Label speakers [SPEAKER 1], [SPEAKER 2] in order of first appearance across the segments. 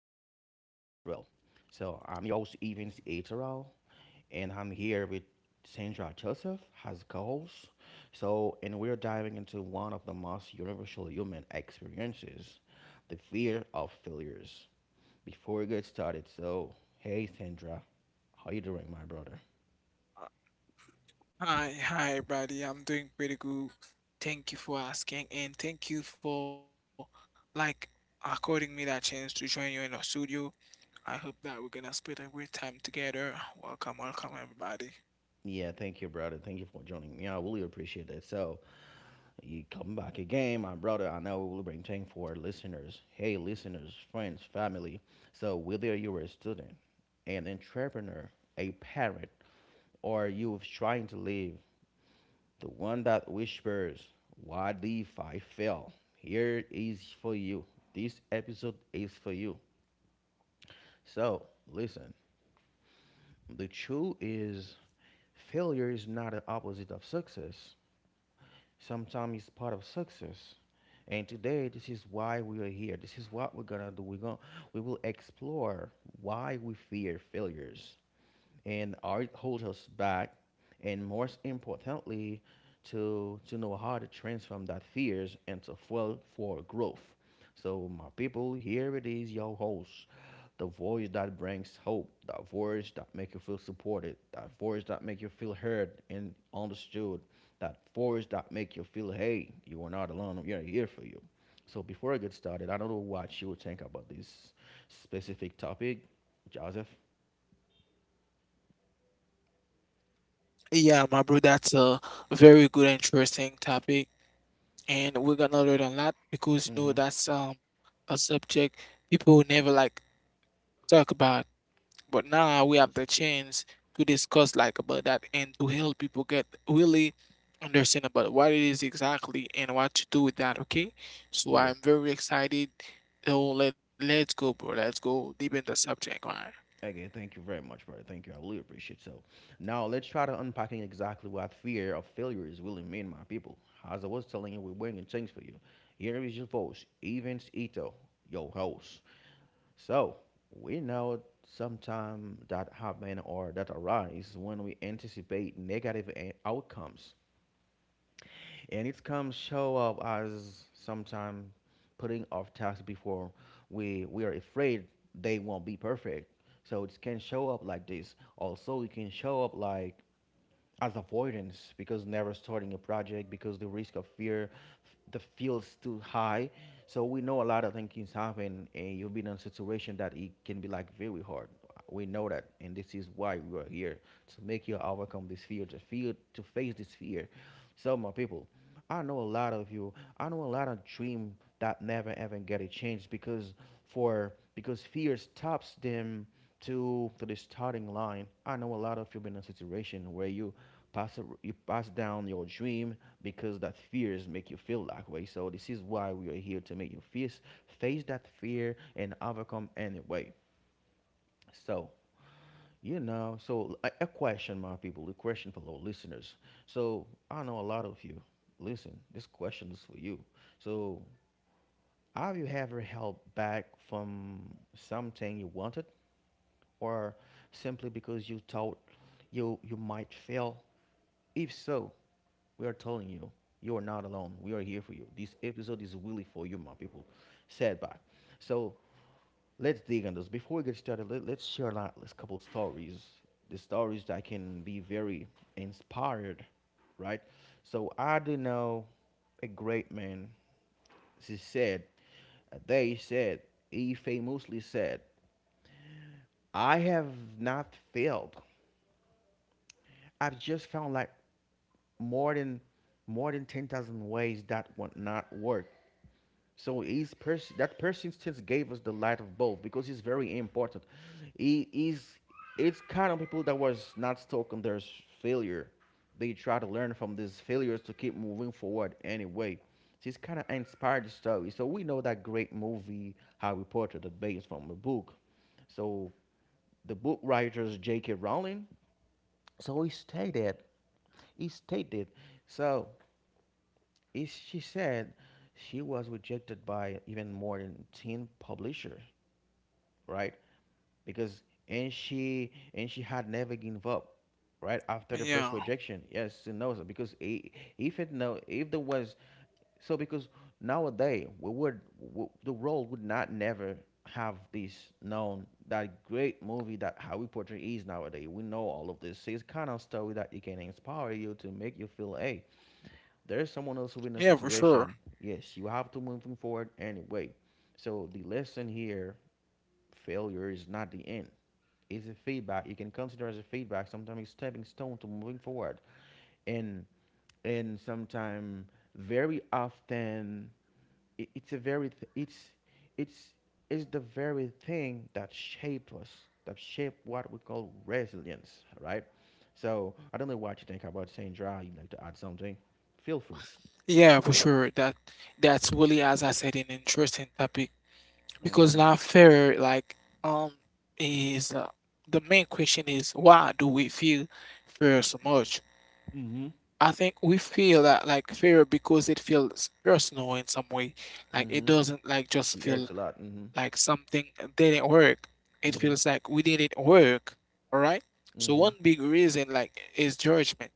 [SPEAKER 1] thrill. So I'm your host Evans Aterol and I'm here with Sandra Joseph as co-host. So and we're diving into one of the most universal human experiences, the fear of failures. Before we get started, so hey Sandra, how you doing, my brother?
[SPEAKER 2] Uh, Hi, buddy. I'm doing pretty good. Thank you for asking, and thank you for like according me that chance to join you in our studio. I hope that we're gonna spend a great time together. Welcome, welcome, everybody.
[SPEAKER 1] Yeah, thank you, brother. Thank you for joining me. I really appreciate that. So you come back again, my brother. I know we'll bring change for our listeners. Hey, listeners, friends, family. So, whether you're a student, an entrepreneur, a parent, or you're trying to live, the one that whispers, why did I fail? Here is for you. This episode is for you. So, listen, the truth is failure is not the opposite of success. Sometimes it's part of success. And today, this is why we are here. This is what we're gonna do. We're gonna we will explore why we fear failures, and art holds us back, and most importantly to know how to transform that fears into fuel for growth. So my people, here it is, your host, the voice that brings hope, that voice that make you feel supported, that voice that make you feel heard and understood, that voice that make you feel hey, you are not alone, we are here for you. So before I get started, I don't know what you would think about this specific topic, Joseph.
[SPEAKER 2] Yeah, my bro, that's a very good, interesting topic, and we're gonna learn a lot because you know
[SPEAKER 1] Mm-hmm.
[SPEAKER 2] that's a subject people never talk about. But now we have the chance to discuss about that and to help people get really understand about what it is exactly and what to do with that, okay? So I'm very excited. So let's go, bro. Let's go deep in the subject, man.
[SPEAKER 1] Okay, thank you very much, brother. Thank you. I really appreciate it. So now let's try to unpacking exactly what fear of failure is really mean, my people. As I was telling you, we're bringing things for you. Here is your voice, Evans Ito, your host. So we know sometimes that happen or that arise when we anticipate outcomes and it comes show up as sometimes putting off tasks before we are afraid they won't be perfect. So it can show up like this. Also, it can show up like as avoidance because never starting a project because the risk of the feels too high. So we know a lot of things happen and you have been in a situation that it can be like very hard. We know that, and this is why we are here, to make you overcome this fear, to feel, to face this fear. So my people, I know a lot of you, I know a lot of dream that never ever get a chance because for because fear stops them to the starting line. I know a lot of you been in a situation where you you pass down your dream because that fears make you feel that way. So this is why we are here, to make you face, face that fear and overcome anyway. So you know, so a question my people, a question for our listeners. So I know a lot of you, listen, this question is for you. So have you ever held back from something you wanted or simply because you thought you might fail? If so, we are telling you, you are not alone. We are here for you. This episode is really for you, my people. Said by. So let's dig on this. Before we get started, let's share a couple stories. The stories that can be very inspired, right? So I do know a great man. He said, they said, he famously said, I have not failed. I've just found like more than more than 10,000 ways that would not work. So each person, that person since gave us the light of both because it's very important. He is, it's kind of people that was not stuck on their failure. They try to learn from these failures to keep moving forward anyway. So it's kind of inspired story. So we know that great movie Harry Potter that based from a book. So the book writers J.K. Rowling. So he stated, he stated, so is she said she was rejected by even more than 10 publishers, right? Because and she had never given up, right? After the first
[SPEAKER 2] Yeah.
[SPEAKER 1] rejection. Yes, she knows because if it no if there was, so because nowadays we would w the world would not never have this known that great movie that Harry Potter is nowadays. We know all of this. So it's kind of story that it can inspire you to make you feel, hey, there's someone else who in a
[SPEAKER 2] Yeah, for sure.
[SPEAKER 1] situation. Yes, you have to moving forward anyway. So the lesson here, failure is not the end. It's a feedback. You can consider as a feedback. Sometimes it's stepping stone to moving forward. And sometimes very often, i- it's a very th- it's it's it's the very thing that shape us, that shape what we call resilience, right? So I don't know what you think about Sandra. You'd like to add something? Feel free.
[SPEAKER 2] Yeah, for sure. That's really, as I said, an interesting topic because
[SPEAKER 1] Mm-hmm.
[SPEAKER 2] now fear, like, um, is the main question is, why do we feel fear so much? I think we feel that fear because it feels personal in some way. It
[SPEAKER 1] Mm-hmm.
[SPEAKER 2] doesn't just
[SPEAKER 1] He hurts
[SPEAKER 2] feel
[SPEAKER 1] a lot. Mm-hmm.
[SPEAKER 2] like something didn't work. It
[SPEAKER 1] Mm-hmm.
[SPEAKER 2] feels like we didn't work. All right. So
[SPEAKER 1] Mm-hmm.
[SPEAKER 2] one big reason is judgment.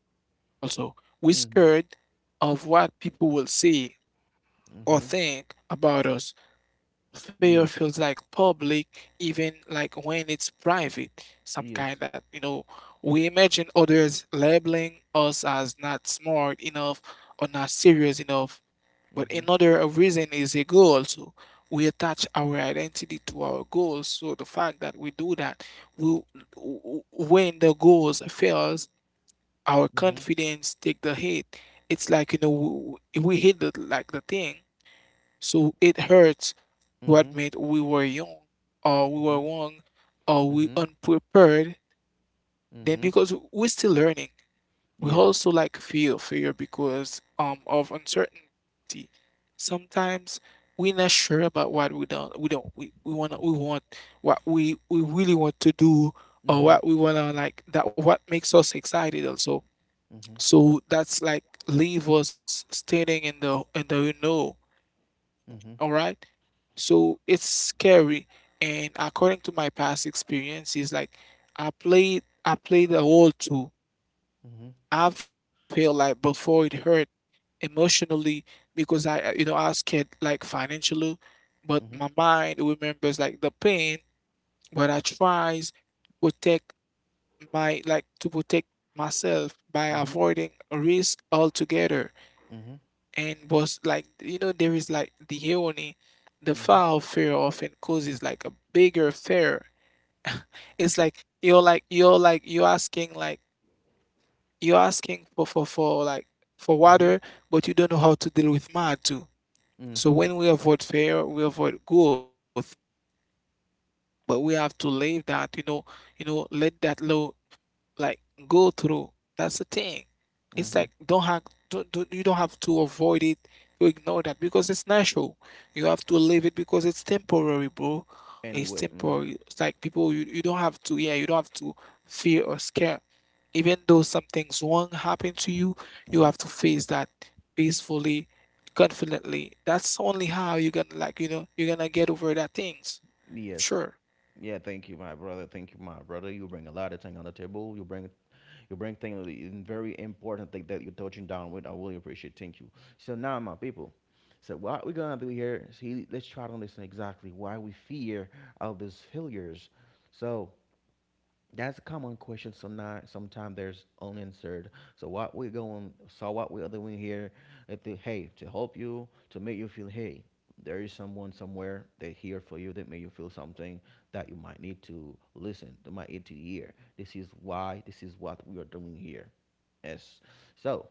[SPEAKER 2] Also, we're
[SPEAKER 1] Mm-hmm.
[SPEAKER 2] scared of what people will see or
[SPEAKER 1] Mm-hmm.
[SPEAKER 2] think about us. Fear
[SPEAKER 1] Yes.
[SPEAKER 2] feels like public, even like when it's private, some kind
[SPEAKER 1] Yes.
[SPEAKER 2] that, we imagine others labeling us as not smart enough or not serious enough. But
[SPEAKER 1] Mm-hmm.
[SPEAKER 2] another reason is a goal too. We attach our identity to our goals. So the fact that we do that, we, when the goals fails, our
[SPEAKER 1] Mm-hmm.
[SPEAKER 2] confidence take the hit. It's like, we hit the thing, so it hurts to
[SPEAKER 1] Mm-hmm.
[SPEAKER 2] admit we were young or we were
[SPEAKER 1] Mm-hmm.
[SPEAKER 2] wrong or we
[SPEAKER 1] Mm-hmm.
[SPEAKER 2] unprepared, then
[SPEAKER 1] Mm-hmm.
[SPEAKER 2] because we're still learning. We
[SPEAKER 1] Yeah.
[SPEAKER 2] also feel fear because of uncertainty. Sometimes we're not sure about what we don't we don't we wanna we want what we really want to do or
[SPEAKER 1] Mm-hmm.
[SPEAKER 2] what we wanna that what makes us excited also.
[SPEAKER 1] Mm-hmm.
[SPEAKER 2] So that's leave us standing in the
[SPEAKER 1] Mm-hmm.
[SPEAKER 2] all right? So it's scary. And according to my past experiences, I played the whole too.
[SPEAKER 1] Mm-hmm.
[SPEAKER 2] I feel like before it hurt emotionally because I was scared financially, but my
[SPEAKER 1] Mm-hmm.
[SPEAKER 2] mind remembers the pain, but I tries protect my like to protect myself by
[SPEAKER 1] Mm-hmm.
[SPEAKER 2] avoiding risk altogether.
[SPEAKER 1] Mm-hmm.
[SPEAKER 2] And was there is the irony. The
[SPEAKER 1] Mm-hmm.
[SPEAKER 2] foul fear often causes a bigger fear. It's like you're asking for
[SPEAKER 1] Mm-hmm. Mm-hmm.
[SPEAKER 2] water, but you don't know how to deal with mud too. So when we avoid fear, we avoid growth, but we have to leave that, let that low like go through. That's the thing. It's like
[SPEAKER 1] Mm-hmm.
[SPEAKER 2] don't have don't you don't have to avoid it, to ignore that because it's natural. You have to live it because it's temporary, bro. It's
[SPEAKER 1] Anyway. Mm-hmm.
[SPEAKER 2] temporary. It's like people, you don't have to, yeah, you don't have to fear or scare. Even though something's wrong happen to you, you
[SPEAKER 1] Mm-hmm.
[SPEAKER 2] have to face that peacefully, confidently. That's only how you can you're gonna get over that things.
[SPEAKER 1] Yes.
[SPEAKER 2] Sure.
[SPEAKER 1] Yeah, thank you, my brother. Thank you, my brother. You bring a lot of thing on the table. You bring, you bring things very important thing that you're touching down with. I really appreciate. Thank you. So now, my people. So what we're gonna do here? See, let's try to understand exactly why we fear all these failures. So that's a common question. So now, sometimes there's unanswered. So so what we are doing here, is to, hey, to help you, to make you feel, hey, there is someone somewhere that here for you that make you feel something that you might need to listen, that might need to hear. This is why, this is what we are doing here. Yes. So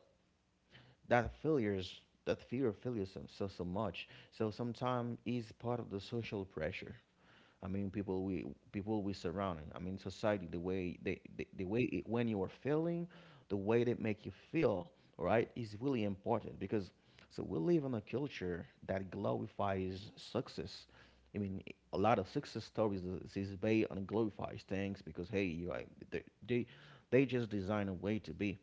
[SPEAKER 1] that failures, that fear of failure so so much. So sometimes is part of the social pressure. I mean, people we surrounding. I mean, society, the way they, the way it, when you are feeling, the way they make you feel, right, is really important because so we live in a culture that glorifies success. I mean, a lot of success stories is based on glorifies things because hey, you are, they they just design a way to be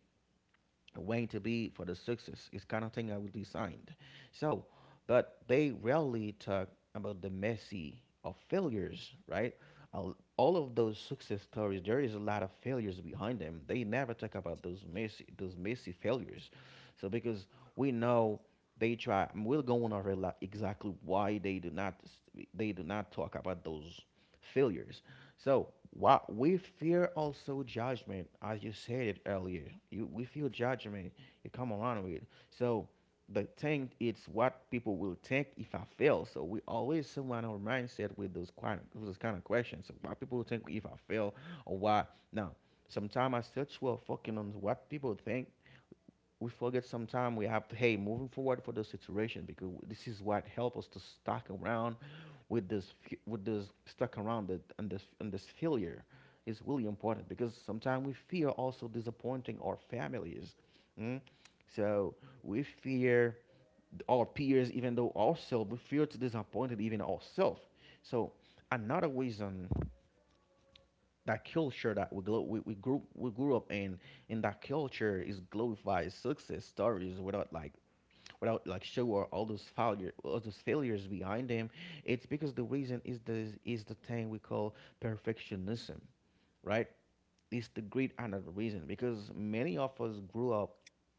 [SPEAKER 1] waiting to be for the success. It's kind of thing I will designed. So, but they rarely talk about the messy of failures, right? All of those success stories, there is a lot of failures behind them. They never talk about those messy failures. So because we know they try, and we're going over a lot exactly why they do not, s- they do not talk about those failures. So what we fear also judgment, as you said it earlier. You we feel judgment. You come around with. So the thing it's what people will think if I fail. So we always surround our mindset with those kind of, with those kind of questions. So what people think if I fail or what. Now, sometimes I still will focusing on what people think, we forget sometimes we have to hey moving forward for the situation because this is what help us to stuck around with this, with this stuck around it and this failure is really important because sometimes we fear also disappointing our families. Mm? So we fear our peers, even though ourselves, we fear to disappoint even ourselves. So another reason, that culture that we grew up in that culture is glorifies success stories without like, without like show or all those failure, all those failures behind them. It's because the reason is the thing we call perfectionism, right? It's the great, another reason because many of us grew up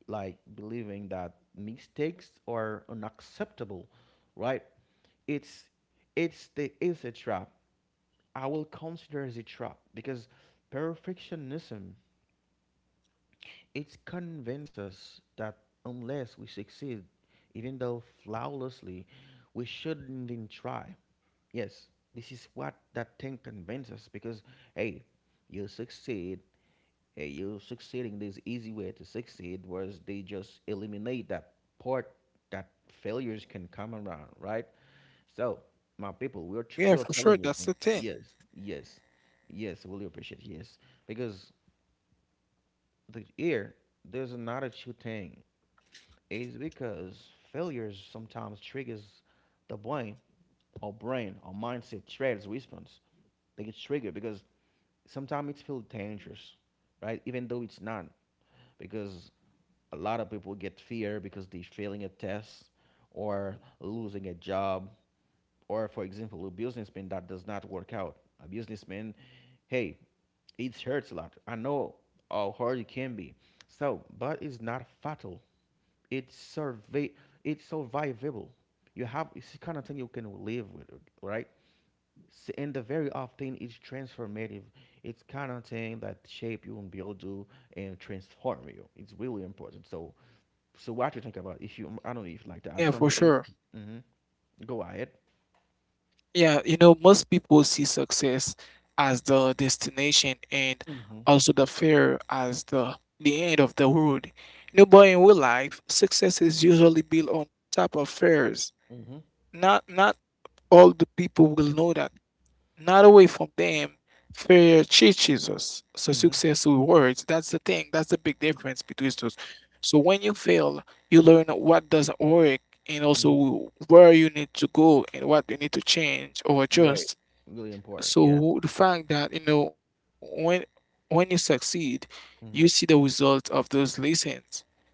[SPEAKER 1] like believing that mistakes are unacceptable, right? it's it's a trap. I will consider as a trap because perfectionism, it convinces us that unless we succeed, even though flawlessly, we shouldn't even try. Yes, this is what that thing convinces us because hey, you succeed, hey, you succeeding this easy way to succeed, whereas they just eliminate that part that failures can come around, right? So, my people, we're telling you
[SPEAKER 2] Yeah,
[SPEAKER 1] things.
[SPEAKER 2] for sure. That's the
[SPEAKER 1] Yes,
[SPEAKER 2] thing.
[SPEAKER 1] yes, yes. I really appreciate it. Yes, because the ear there's another two thing is because failures sometimes triggers the brain, or mindset threads response. They get triggered because sometimes it feels dangerous, right? Even though it's not, because a lot of people get fear because they're failing a test or losing a job or for example a businessman that does not work out, a businessman. Hey, it hurts a lot. I know how hard it can be. So, but it's not fatal. It's survey. It's survivable. You have it's the kind of thing you can live with, right? S- And the very often it's transformative. It's kind of thing that shape you and build you and transform you. It's really important. So what you think about? If you, I don't know if you like to
[SPEAKER 2] Yeah,
[SPEAKER 1] add
[SPEAKER 2] for sure.
[SPEAKER 1] something. hmm Go ahead.
[SPEAKER 2] Yeah, most people see success as the destination and
[SPEAKER 1] Mm-hmm.
[SPEAKER 2] also the fear as the end of the road. But in real life, success is usually built on top of fears.
[SPEAKER 1] Mm-hmm.
[SPEAKER 2] Not all the people will know that, not away from them. Failure teaches us. So
[SPEAKER 1] Mm-hmm.
[SPEAKER 2] success rewards. That's the thing. That's the big difference between those. So when you fail, you learn what doesn't work and
[SPEAKER 1] Mm-hmm.
[SPEAKER 2] also where you need to go and what you need to change or
[SPEAKER 1] Great.
[SPEAKER 2] adjust.
[SPEAKER 1] Really important. Yeah.
[SPEAKER 2] So the fact that when you succeed, you see the
[SPEAKER 1] Mm-hmm.
[SPEAKER 2] result of those lessons.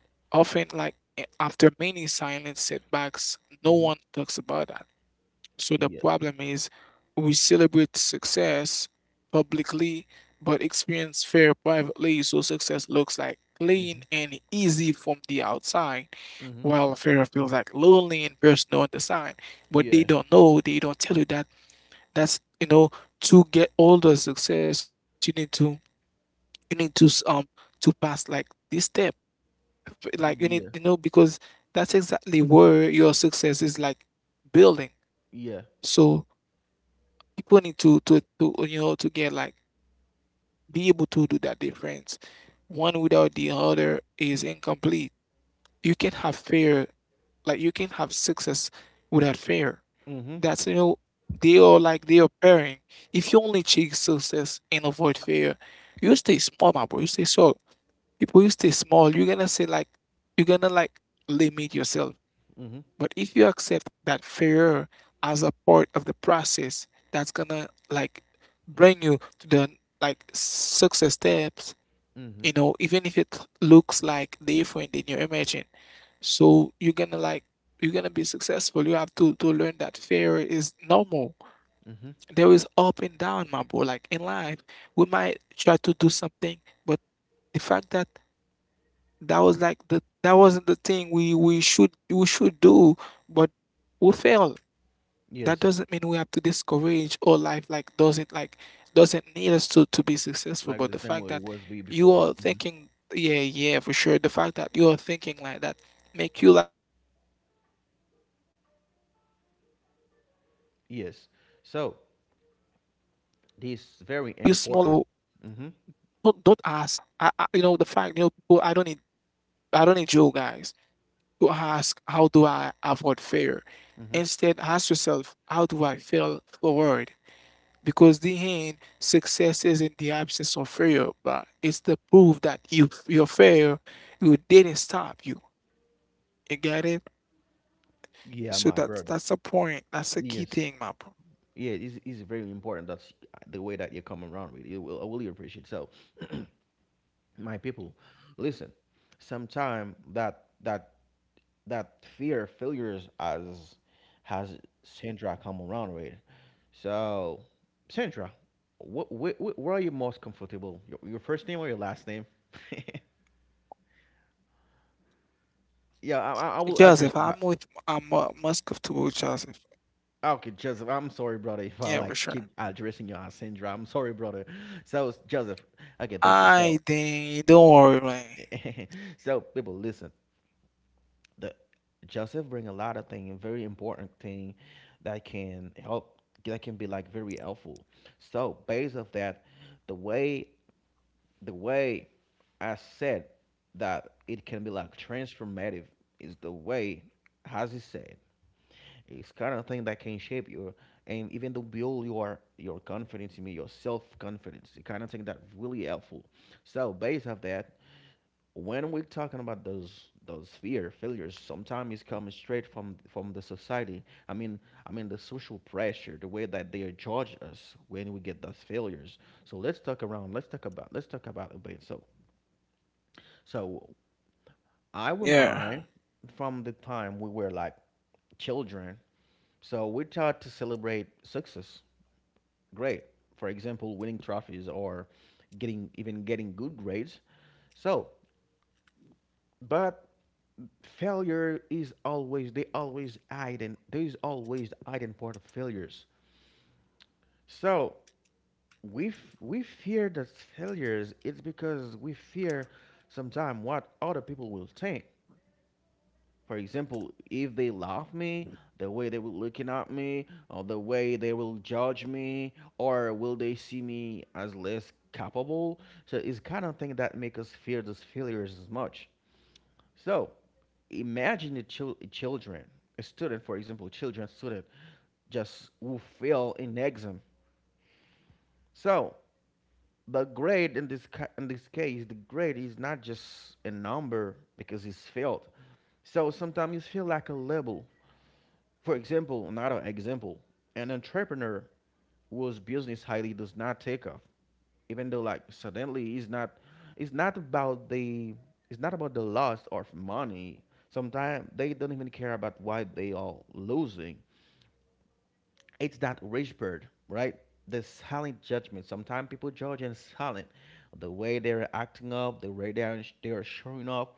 [SPEAKER 2] Often, after many silent setbacks, no
[SPEAKER 1] Mm-hmm.
[SPEAKER 2] one talks about that. So the
[SPEAKER 1] Yeah.
[SPEAKER 2] problem is, we celebrate success publicly but experience fear privately. So success looks like clean and easy from the outside,
[SPEAKER 1] Mm-hmm.
[SPEAKER 2] while fear feels like lonely and personal on the side. But they
[SPEAKER 1] Yeah.
[SPEAKER 2] don't know, they don't tell you that that's you know, to get all the success you need to you need to to pass this step. You need,
[SPEAKER 1] Yeah.
[SPEAKER 2] you know, because that's exactly where your success is building.
[SPEAKER 1] Yeah.
[SPEAKER 2] So people need to you know to get like be able to do that difference. One without the other is incomplete. You can have fear, you can have success without fear.
[SPEAKER 1] Mm-hmm.
[SPEAKER 2] That's, they are pairing. If you only chase success and avoid fear, you stay small, my bro. You stay small. People, you stay small. You're gonna say like you're gonna limit yourself.
[SPEAKER 1] Mm-hmm.
[SPEAKER 2] But if you accept that failure as a part of the process, that's gonna bring you to the success steps,
[SPEAKER 1] Mm-hmm.
[SPEAKER 2] even if it looks different than you imagine. So you're gonna be successful. You have to learn that failure is normal.
[SPEAKER 1] Mm-hmm.
[SPEAKER 2] There is up and down, my boy. In life, we might try to do something, but the fact that that was like the that wasn't the thing we should do, but we failed. That
[SPEAKER 1] Yes.
[SPEAKER 2] doesn't mean we have to discourage all life, doesn't need us to be successful.
[SPEAKER 1] Like
[SPEAKER 2] But
[SPEAKER 1] the
[SPEAKER 2] the
[SPEAKER 1] same
[SPEAKER 2] fact
[SPEAKER 1] way it
[SPEAKER 2] that
[SPEAKER 1] was be
[SPEAKER 2] you
[SPEAKER 1] before.
[SPEAKER 2] are
[SPEAKER 1] Hmm.
[SPEAKER 2] thinking yeah, yeah, for sure, the fact that you are thinking that make you small, mentally you small, you're not strong.
[SPEAKER 1] Yes. So
[SPEAKER 2] So
[SPEAKER 1] this very
[SPEAKER 2] don't
[SPEAKER 1] important.
[SPEAKER 2] ask.
[SPEAKER 1] Mm-hmm.
[SPEAKER 2] I you know the fact you know people I don't need you guys to ask, how do I avoid failure?
[SPEAKER 1] Mm-hmm.
[SPEAKER 2] Instead, ask yourself, how do I fail forward, because the end success isn't the absence of failure, but it's the proof that your failure you didn't stop you. You get it?
[SPEAKER 1] Yeah,
[SPEAKER 2] So
[SPEAKER 1] my
[SPEAKER 2] that's
[SPEAKER 1] brother.
[SPEAKER 2] that's a point. That's a key
[SPEAKER 1] Yes.
[SPEAKER 2] thing, my bro.
[SPEAKER 1] Yeah, it's very important. That's the way that you come around with it. Will, I really appreciate. So, my people, listen. Sometime that fear of failures as has Sandra come around with. So, Sandra, where are you most comfortable? Your first name or your last name? Yeah, I will address
[SPEAKER 2] Joseph,
[SPEAKER 1] you by.
[SPEAKER 2] I'm must go to with Joseph.
[SPEAKER 1] Okay, Joseph, I'm sorry, brother, if I
[SPEAKER 2] Yeah, for
[SPEAKER 1] like keep
[SPEAKER 2] sure.
[SPEAKER 1] addressing you as Sandra. I'm sorry, brother. So, Joseph, okay, thank you. So,
[SPEAKER 2] I think don't worry, man.
[SPEAKER 1] so people, listen. The Joseph bring a lot of thing, very important thing that can help that can be like very helpful. So based of that, the way the way I said that it can be like transformative is the way as he said. It's kind of thing that can shape your and even to build your confidence in me, your self confidence. The kind of thing that really helpful. So based off that, when we're talking about those fear failures sometimes it's coming straight from the society. I mean i mean the social pressure, the way that they judge us when we get those failures. So let's talk around let's talk about a bit. So I remind
[SPEAKER 2] Yeah,
[SPEAKER 1] from the time we were like children, so we're taught to celebrate success. Great, for example winning trophies or getting even getting good grades. So but failure is always they always hide, and there is always the hiding part of failures. So we fear the failures. It's because we fear sometimes what other people will think. For example, if they love me, the way they will looking at me or the way they will judge me, or will they see me as less capable? So it's kind of thing that make us fear those failures as much. So imagine a student, for example, children, student, just who fail in exam. So the grade in this case, the grade is not just a number because it's failed. So sometimes you feel like a label. For example, another example, an entrepreneur whose business highly does not take off. Even though like suddenly it's not about the it's not about the loss of money. Sometimes they don't even care about why they are losing. It's that rich bird, right? The silent judgment. Sometimes people judge in silent, the way they're acting up, the way they're showing up,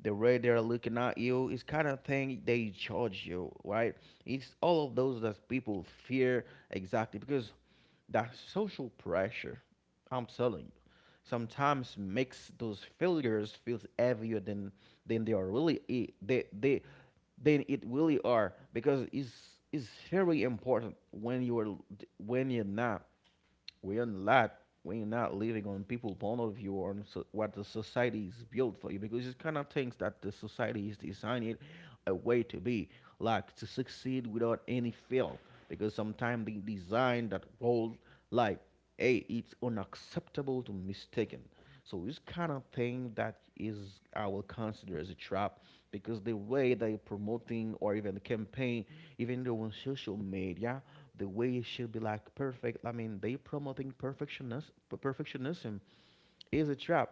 [SPEAKER 1] the way they're looking at you is kind of thing they judge you, right? It's all of those that people fear, exactly because that social pressure, I'm telling you, sometimes makes those failures feels heavier than they are really I- they than it really are. Because it's very important when you are when you're not, we are not, we are not living on people point of view on so, what the society is built for you. Because it's kind of things that the society is designing a way to be like to succeed without any fail, because sometimes they design that role like, hey, it's unacceptable to mistaken. So it's kind of thing that is I will consider as a trap, because the way they're promoting or even the campaign, even though on social media, the way it should be like perfect. I mean, they promoting perfectionism. Perfectionism is a trap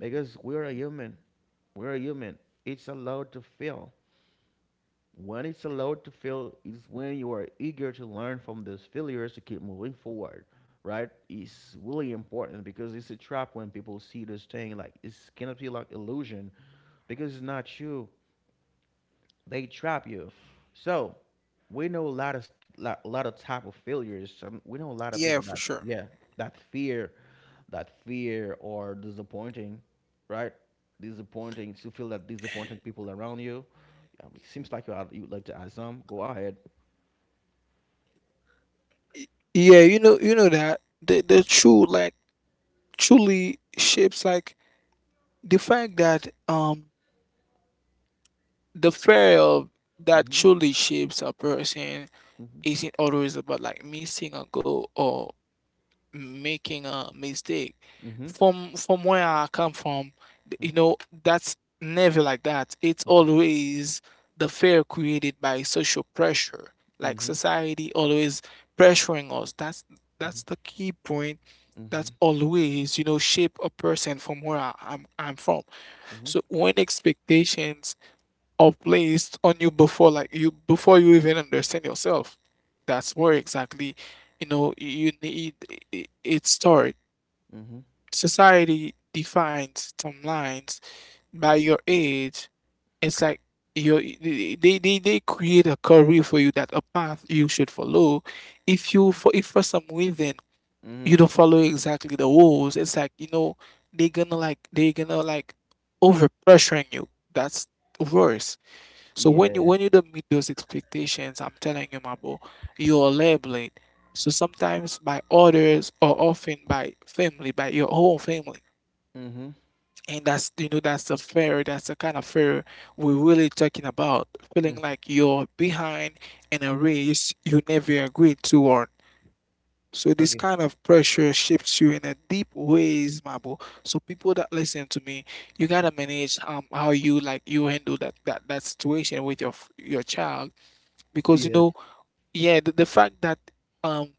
[SPEAKER 1] because we're a human. We're a human. It's allowed to fail. When it's allowed to fail is when you are eager to learn from those failures to keep moving forward. Right? It's really important because it's a trap when people see this thing like it's gonna be like illusion, because it's not you. They trap you. So we know a lot of a lot of type of failures. We know a lot of people
[SPEAKER 2] yeah,
[SPEAKER 1] that
[SPEAKER 2] for sure.
[SPEAKER 1] yeah, that fear, that fear or disappointing, right? Disappointing to feel that disappointing people around you. It seems like you are, you'd like to add some. Go ahead.
[SPEAKER 2] Yeah, that the true like truly shapes, the fact that the fear of that
[SPEAKER 1] Mhm.
[SPEAKER 2] truly shapes a person
[SPEAKER 1] Mhm.
[SPEAKER 2] isn't always about missing a goal or making a mistake.
[SPEAKER 1] Mhm.
[SPEAKER 2] From where I come from, th- you know, that's never like that. It's always the fear created by social pressure,
[SPEAKER 1] Mhm.
[SPEAKER 2] society always pressuring us. That's the key point.
[SPEAKER 1] Mhm.
[SPEAKER 2] That's
[SPEAKER 1] Mhm.
[SPEAKER 2] always, shape a person from where I'm from.
[SPEAKER 1] Mhm.
[SPEAKER 2] So when expectations are placed on you before you even understand yourself. That's where exactly, you need it start.
[SPEAKER 1] Mhm.
[SPEAKER 2] Society defines timelines by your age. It's like your they create a career for you, that a path you should follow. If you for if for some reason
[SPEAKER 1] Mhm.
[SPEAKER 2] you don't follow exactly the rules, it's like they're gonna over pressuring you. That's worse. So when you
[SPEAKER 1] Yeah.
[SPEAKER 2] when you don't meet those expectations, I'm telling you, my boy, you're labeled. So sometimes by others or often by family, by your whole family.
[SPEAKER 1] Mhm.
[SPEAKER 2] And that's the fear, that's the kind of fear we're really talking about. Feeling
[SPEAKER 1] Mhm.
[SPEAKER 2] like you're behind in a race you never agreed to on. So this
[SPEAKER 1] Okay.
[SPEAKER 2] kind of pressure shapes you in a deep ways, my boy. So people that listen to me, you gotta manage how you handle that situation with your child, because
[SPEAKER 1] Yeah.
[SPEAKER 2] yeah, the fact that um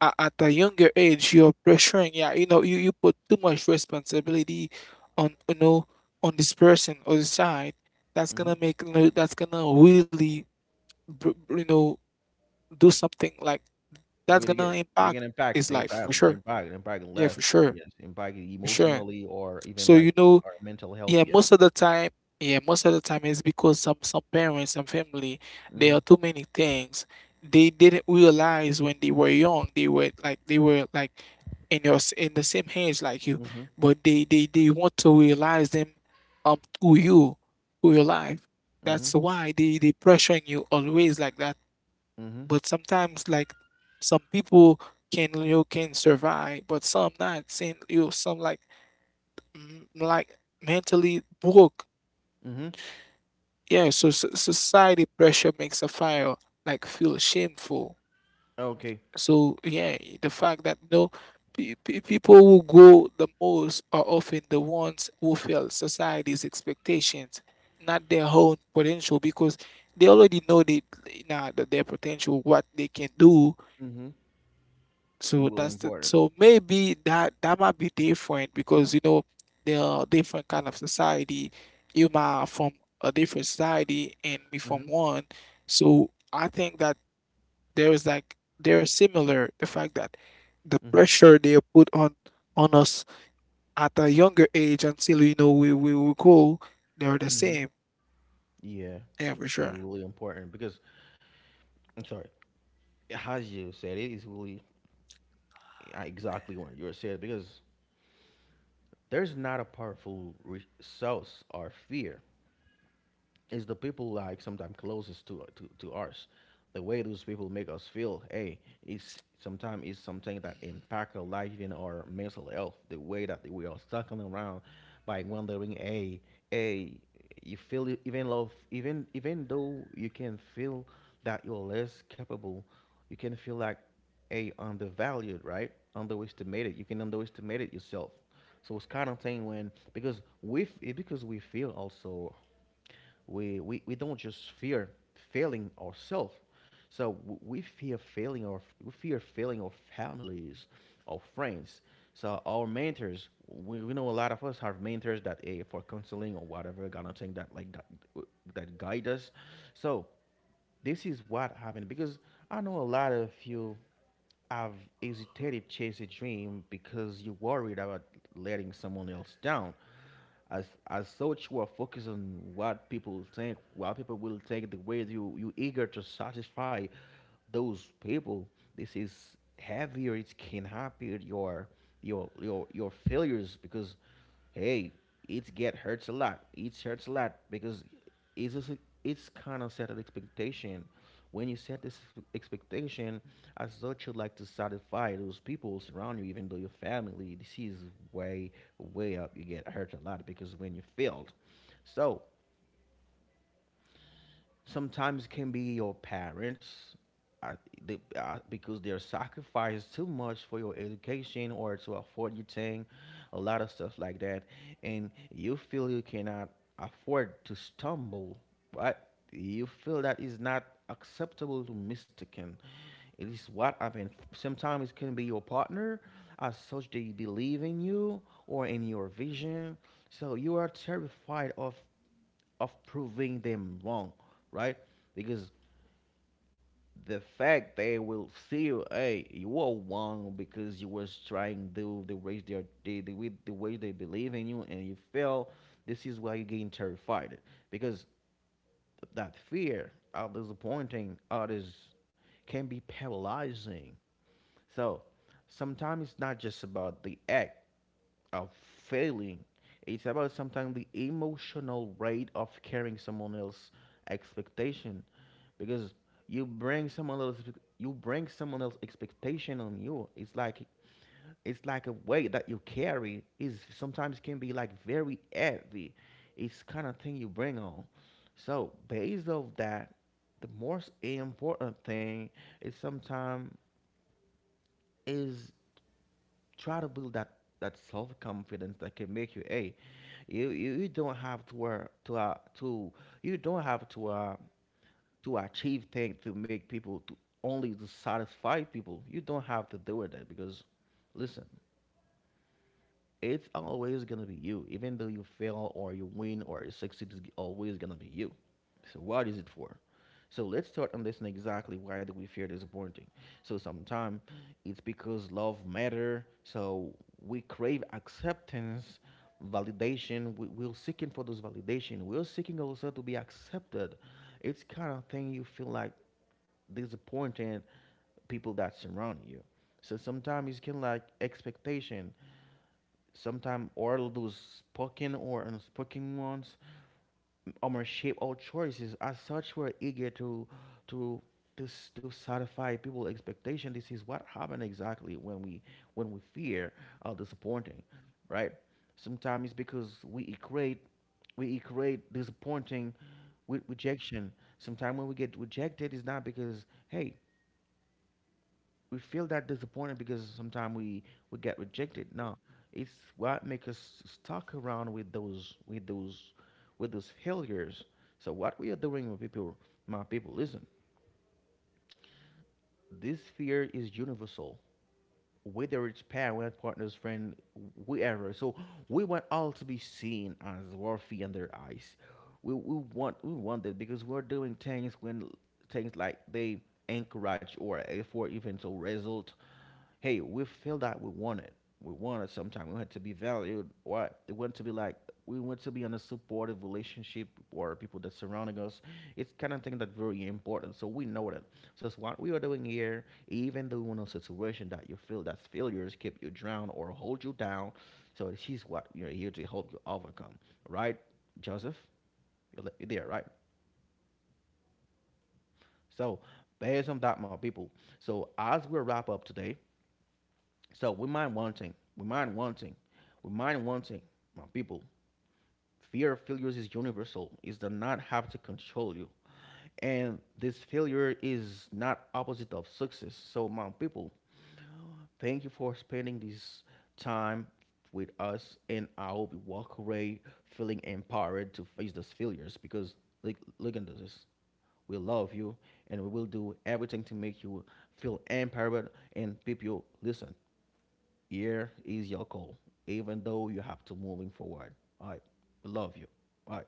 [SPEAKER 2] at a younger age you're pressuring, you put too much responsibility on, on this person or the child, that's
[SPEAKER 1] Mm-hmm.
[SPEAKER 2] gonna make, that's gonna really br- br- you know do something that's
[SPEAKER 1] Well,
[SPEAKER 2] gonna
[SPEAKER 1] they
[SPEAKER 2] impact
[SPEAKER 1] get impact,
[SPEAKER 2] his
[SPEAKER 1] they
[SPEAKER 2] life for
[SPEAKER 1] impact, they
[SPEAKER 2] sure,
[SPEAKER 1] impact, they impact and
[SPEAKER 2] yeah, for
[SPEAKER 1] left.
[SPEAKER 2] sure,
[SPEAKER 1] Yes, impact
[SPEAKER 2] for sure.
[SPEAKER 1] emotionally or even
[SPEAKER 2] so
[SPEAKER 1] like
[SPEAKER 2] you know
[SPEAKER 1] our mental health.
[SPEAKER 2] yeah,
[SPEAKER 1] Yeah.
[SPEAKER 2] most of the time, it's because some parents and family, there are
[SPEAKER 1] Mhm.
[SPEAKER 2] too many things. They didn't realize when they were young, they were in the same age like you,
[SPEAKER 1] Mhm.
[SPEAKER 2] but they want to realize them to you, to your life. That's
[SPEAKER 1] Mhm.
[SPEAKER 2] why they pressuring you always like that.
[SPEAKER 1] Mhm.
[SPEAKER 2] But sometimes some people can you can survive, but some not. Saying you some mm, like mentally broke.
[SPEAKER 1] Mhm.
[SPEAKER 2] Yeah, so society pressure makes a fire feel shameful.
[SPEAKER 1] Okay.
[SPEAKER 2] So yeah, the fact that no pe pe people who go the most are often the ones who fail society's expectations, not their own potential, because they already know they nah, that their potential, what they can do.
[SPEAKER 1] Mhm.
[SPEAKER 2] So
[SPEAKER 1] Really
[SPEAKER 2] that's the,
[SPEAKER 1] important.
[SPEAKER 2] so maybe that might be different, because there are different kind of society. You might from a different society and me from
[SPEAKER 1] Mhm.
[SPEAKER 2] one. So I think that there is they're similar. The fact that the
[SPEAKER 1] Mhm.
[SPEAKER 2] pressure they put on us at a younger age until we will go, they're the
[SPEAKER 1] Mhm.
[SPEAKER 2] same.
[SPEAKER 1] Yeah.
[SPEAKER 2] Yeah. for
[SPEAKER 1] Eh,
[SPEAKER 2] sure.
[SPEAKER 1] really important because I'm sorry, as you said, it is really exactly what you said. Because there's not a powerful source or fear. It's the people like sometimes closest to us. The way those people make us feel, hey, it's sometimes it's something that impact our life and our mental health. The way that we are circling around by wondering, hey, hey, you feel it, even love, even even though you can feel that you're less capable, you can feel like, hey, undervalued, right? Underestimated. You can underestimate it yourself. So it's kind of thing when because we feel also we don't just fear failing ourselves. So we fear failing our we fear failing our families, our friends. So our mentors, we know a lot of us have mentors that for counseling or whatever kind of thing that like gu- that guide us. So this is what happened because I know a lot of you have hesitated chase a dream because you're worried about letting someone else down. As such, you are focused on what people think, what people will think, the way you eager to satisfy those people. This is heavier. It can happen your failures because, hey, it get hurts a lot. It hurts a lot because it's just, it's kind of set an expectation. When you set this expectation, as though you'd like to satisfy those people surround you, even though your family, this is way, way up. You get hurt a lot because when you failed. So
[SPEAKER 2] Yeah, for sure.
[SPEAKER 1] sometimes it can be your parents, uh, they because they're sacrificed too much for your education or to afford your thing, a lot of stuff like that, and you feel you cannot afford to stumble, but you feel that is not acceptable to mistaken.
[SPEAKER 2] Yeah, that
[SPEAKER 1] It is
[SPEAKER 2] that's the
[SPEAKER 1] what I
[SPEAKER 2] thing.
[SPEAKER 1] mean.
[SPEAKER 2] That's the
[SPEAKER 1] Sometimes
[SPEAKER 2] thing.
[SPEAKER 1] it can be your partner, as such they believe in you or in your vision. So you are terrified of proving them wrong, right? Because the fact they will see you, hey, you are wrong because you was trying to do the ways they are the way they believe in you and you fail. This is why you getting terrified because that fear of disappointing others can be paralyzing. So sometimes it's not just about the act of failing, it's about sometimes the emotional rate of carrying someone else's expectation. Because you bring someone else you bring someone else's expectation on you. It's like a weight that you carry is sometimes can be like very heavy. It's kind of thing you bring on. So based off that, the most important thing is sometimes is try to build that self confidence that can make you hey, you, you don't have to you don't have to to achieve things to make people to only to satisfy people. You don't have to do it that because listen, it's always gonna be you, even though you fail or you win or you succeed. It's always gonna be you. So what is it for? So let's start understanding exactly why do we fear disappointing? So sometimes it's because love matter. So we crave acceptance, validation. We're seeking for those validation. We're seeking also to be accepted. It's kind of thing you feel like disappointing people that surround you. So sometimes it's kind of like expectation. Sometimes all those spoken or unspoken ones, shape our choices. As such, we're eager to, to satisfy people's expectation. This is what happened exactly when we fear disappointing, right? Sometimes it's because we equate disappointing with rejection. Sometimes when we get rejected, it's not because, hey, we feel that disappointed because sometimes we get rejected. No, it's what make us stuck around with those with those with those failures. So what we are doing, my people, listen. This fear is universal, whether it's parent, partners, friend, whoever. So we want all to be seen as worthy in their eyes. We want that because we're doing things when things like they encourage or effort even so result, hey, we feel that we want it. We want it sometime. We want to be valued. Why? We want to be like, we want to be in a supportive relationship or people that surrounding us. It's kind of thing that's very important. So we know that. So it's what we are doing here, even though in a situation that you feel that failures keep you down or hold you down. So this is what you are here to help you overcome. Right, Joseph? You're there, right? So based on that, my people. So as we wrap up today, so we mind wanting, we mind wanting, we mind wanting, my people. Fear of failures is universal. It does not have to control you. And this failure is not opposite of success. So my people, thank you for spending this time with us, and I hope you walk away feeling empowered to face those failures because look, look into this. We love you and we will do everything to make you feel empowered. And people listen. Here is your goal, even though you have to moving forward. All right, we love you. All right,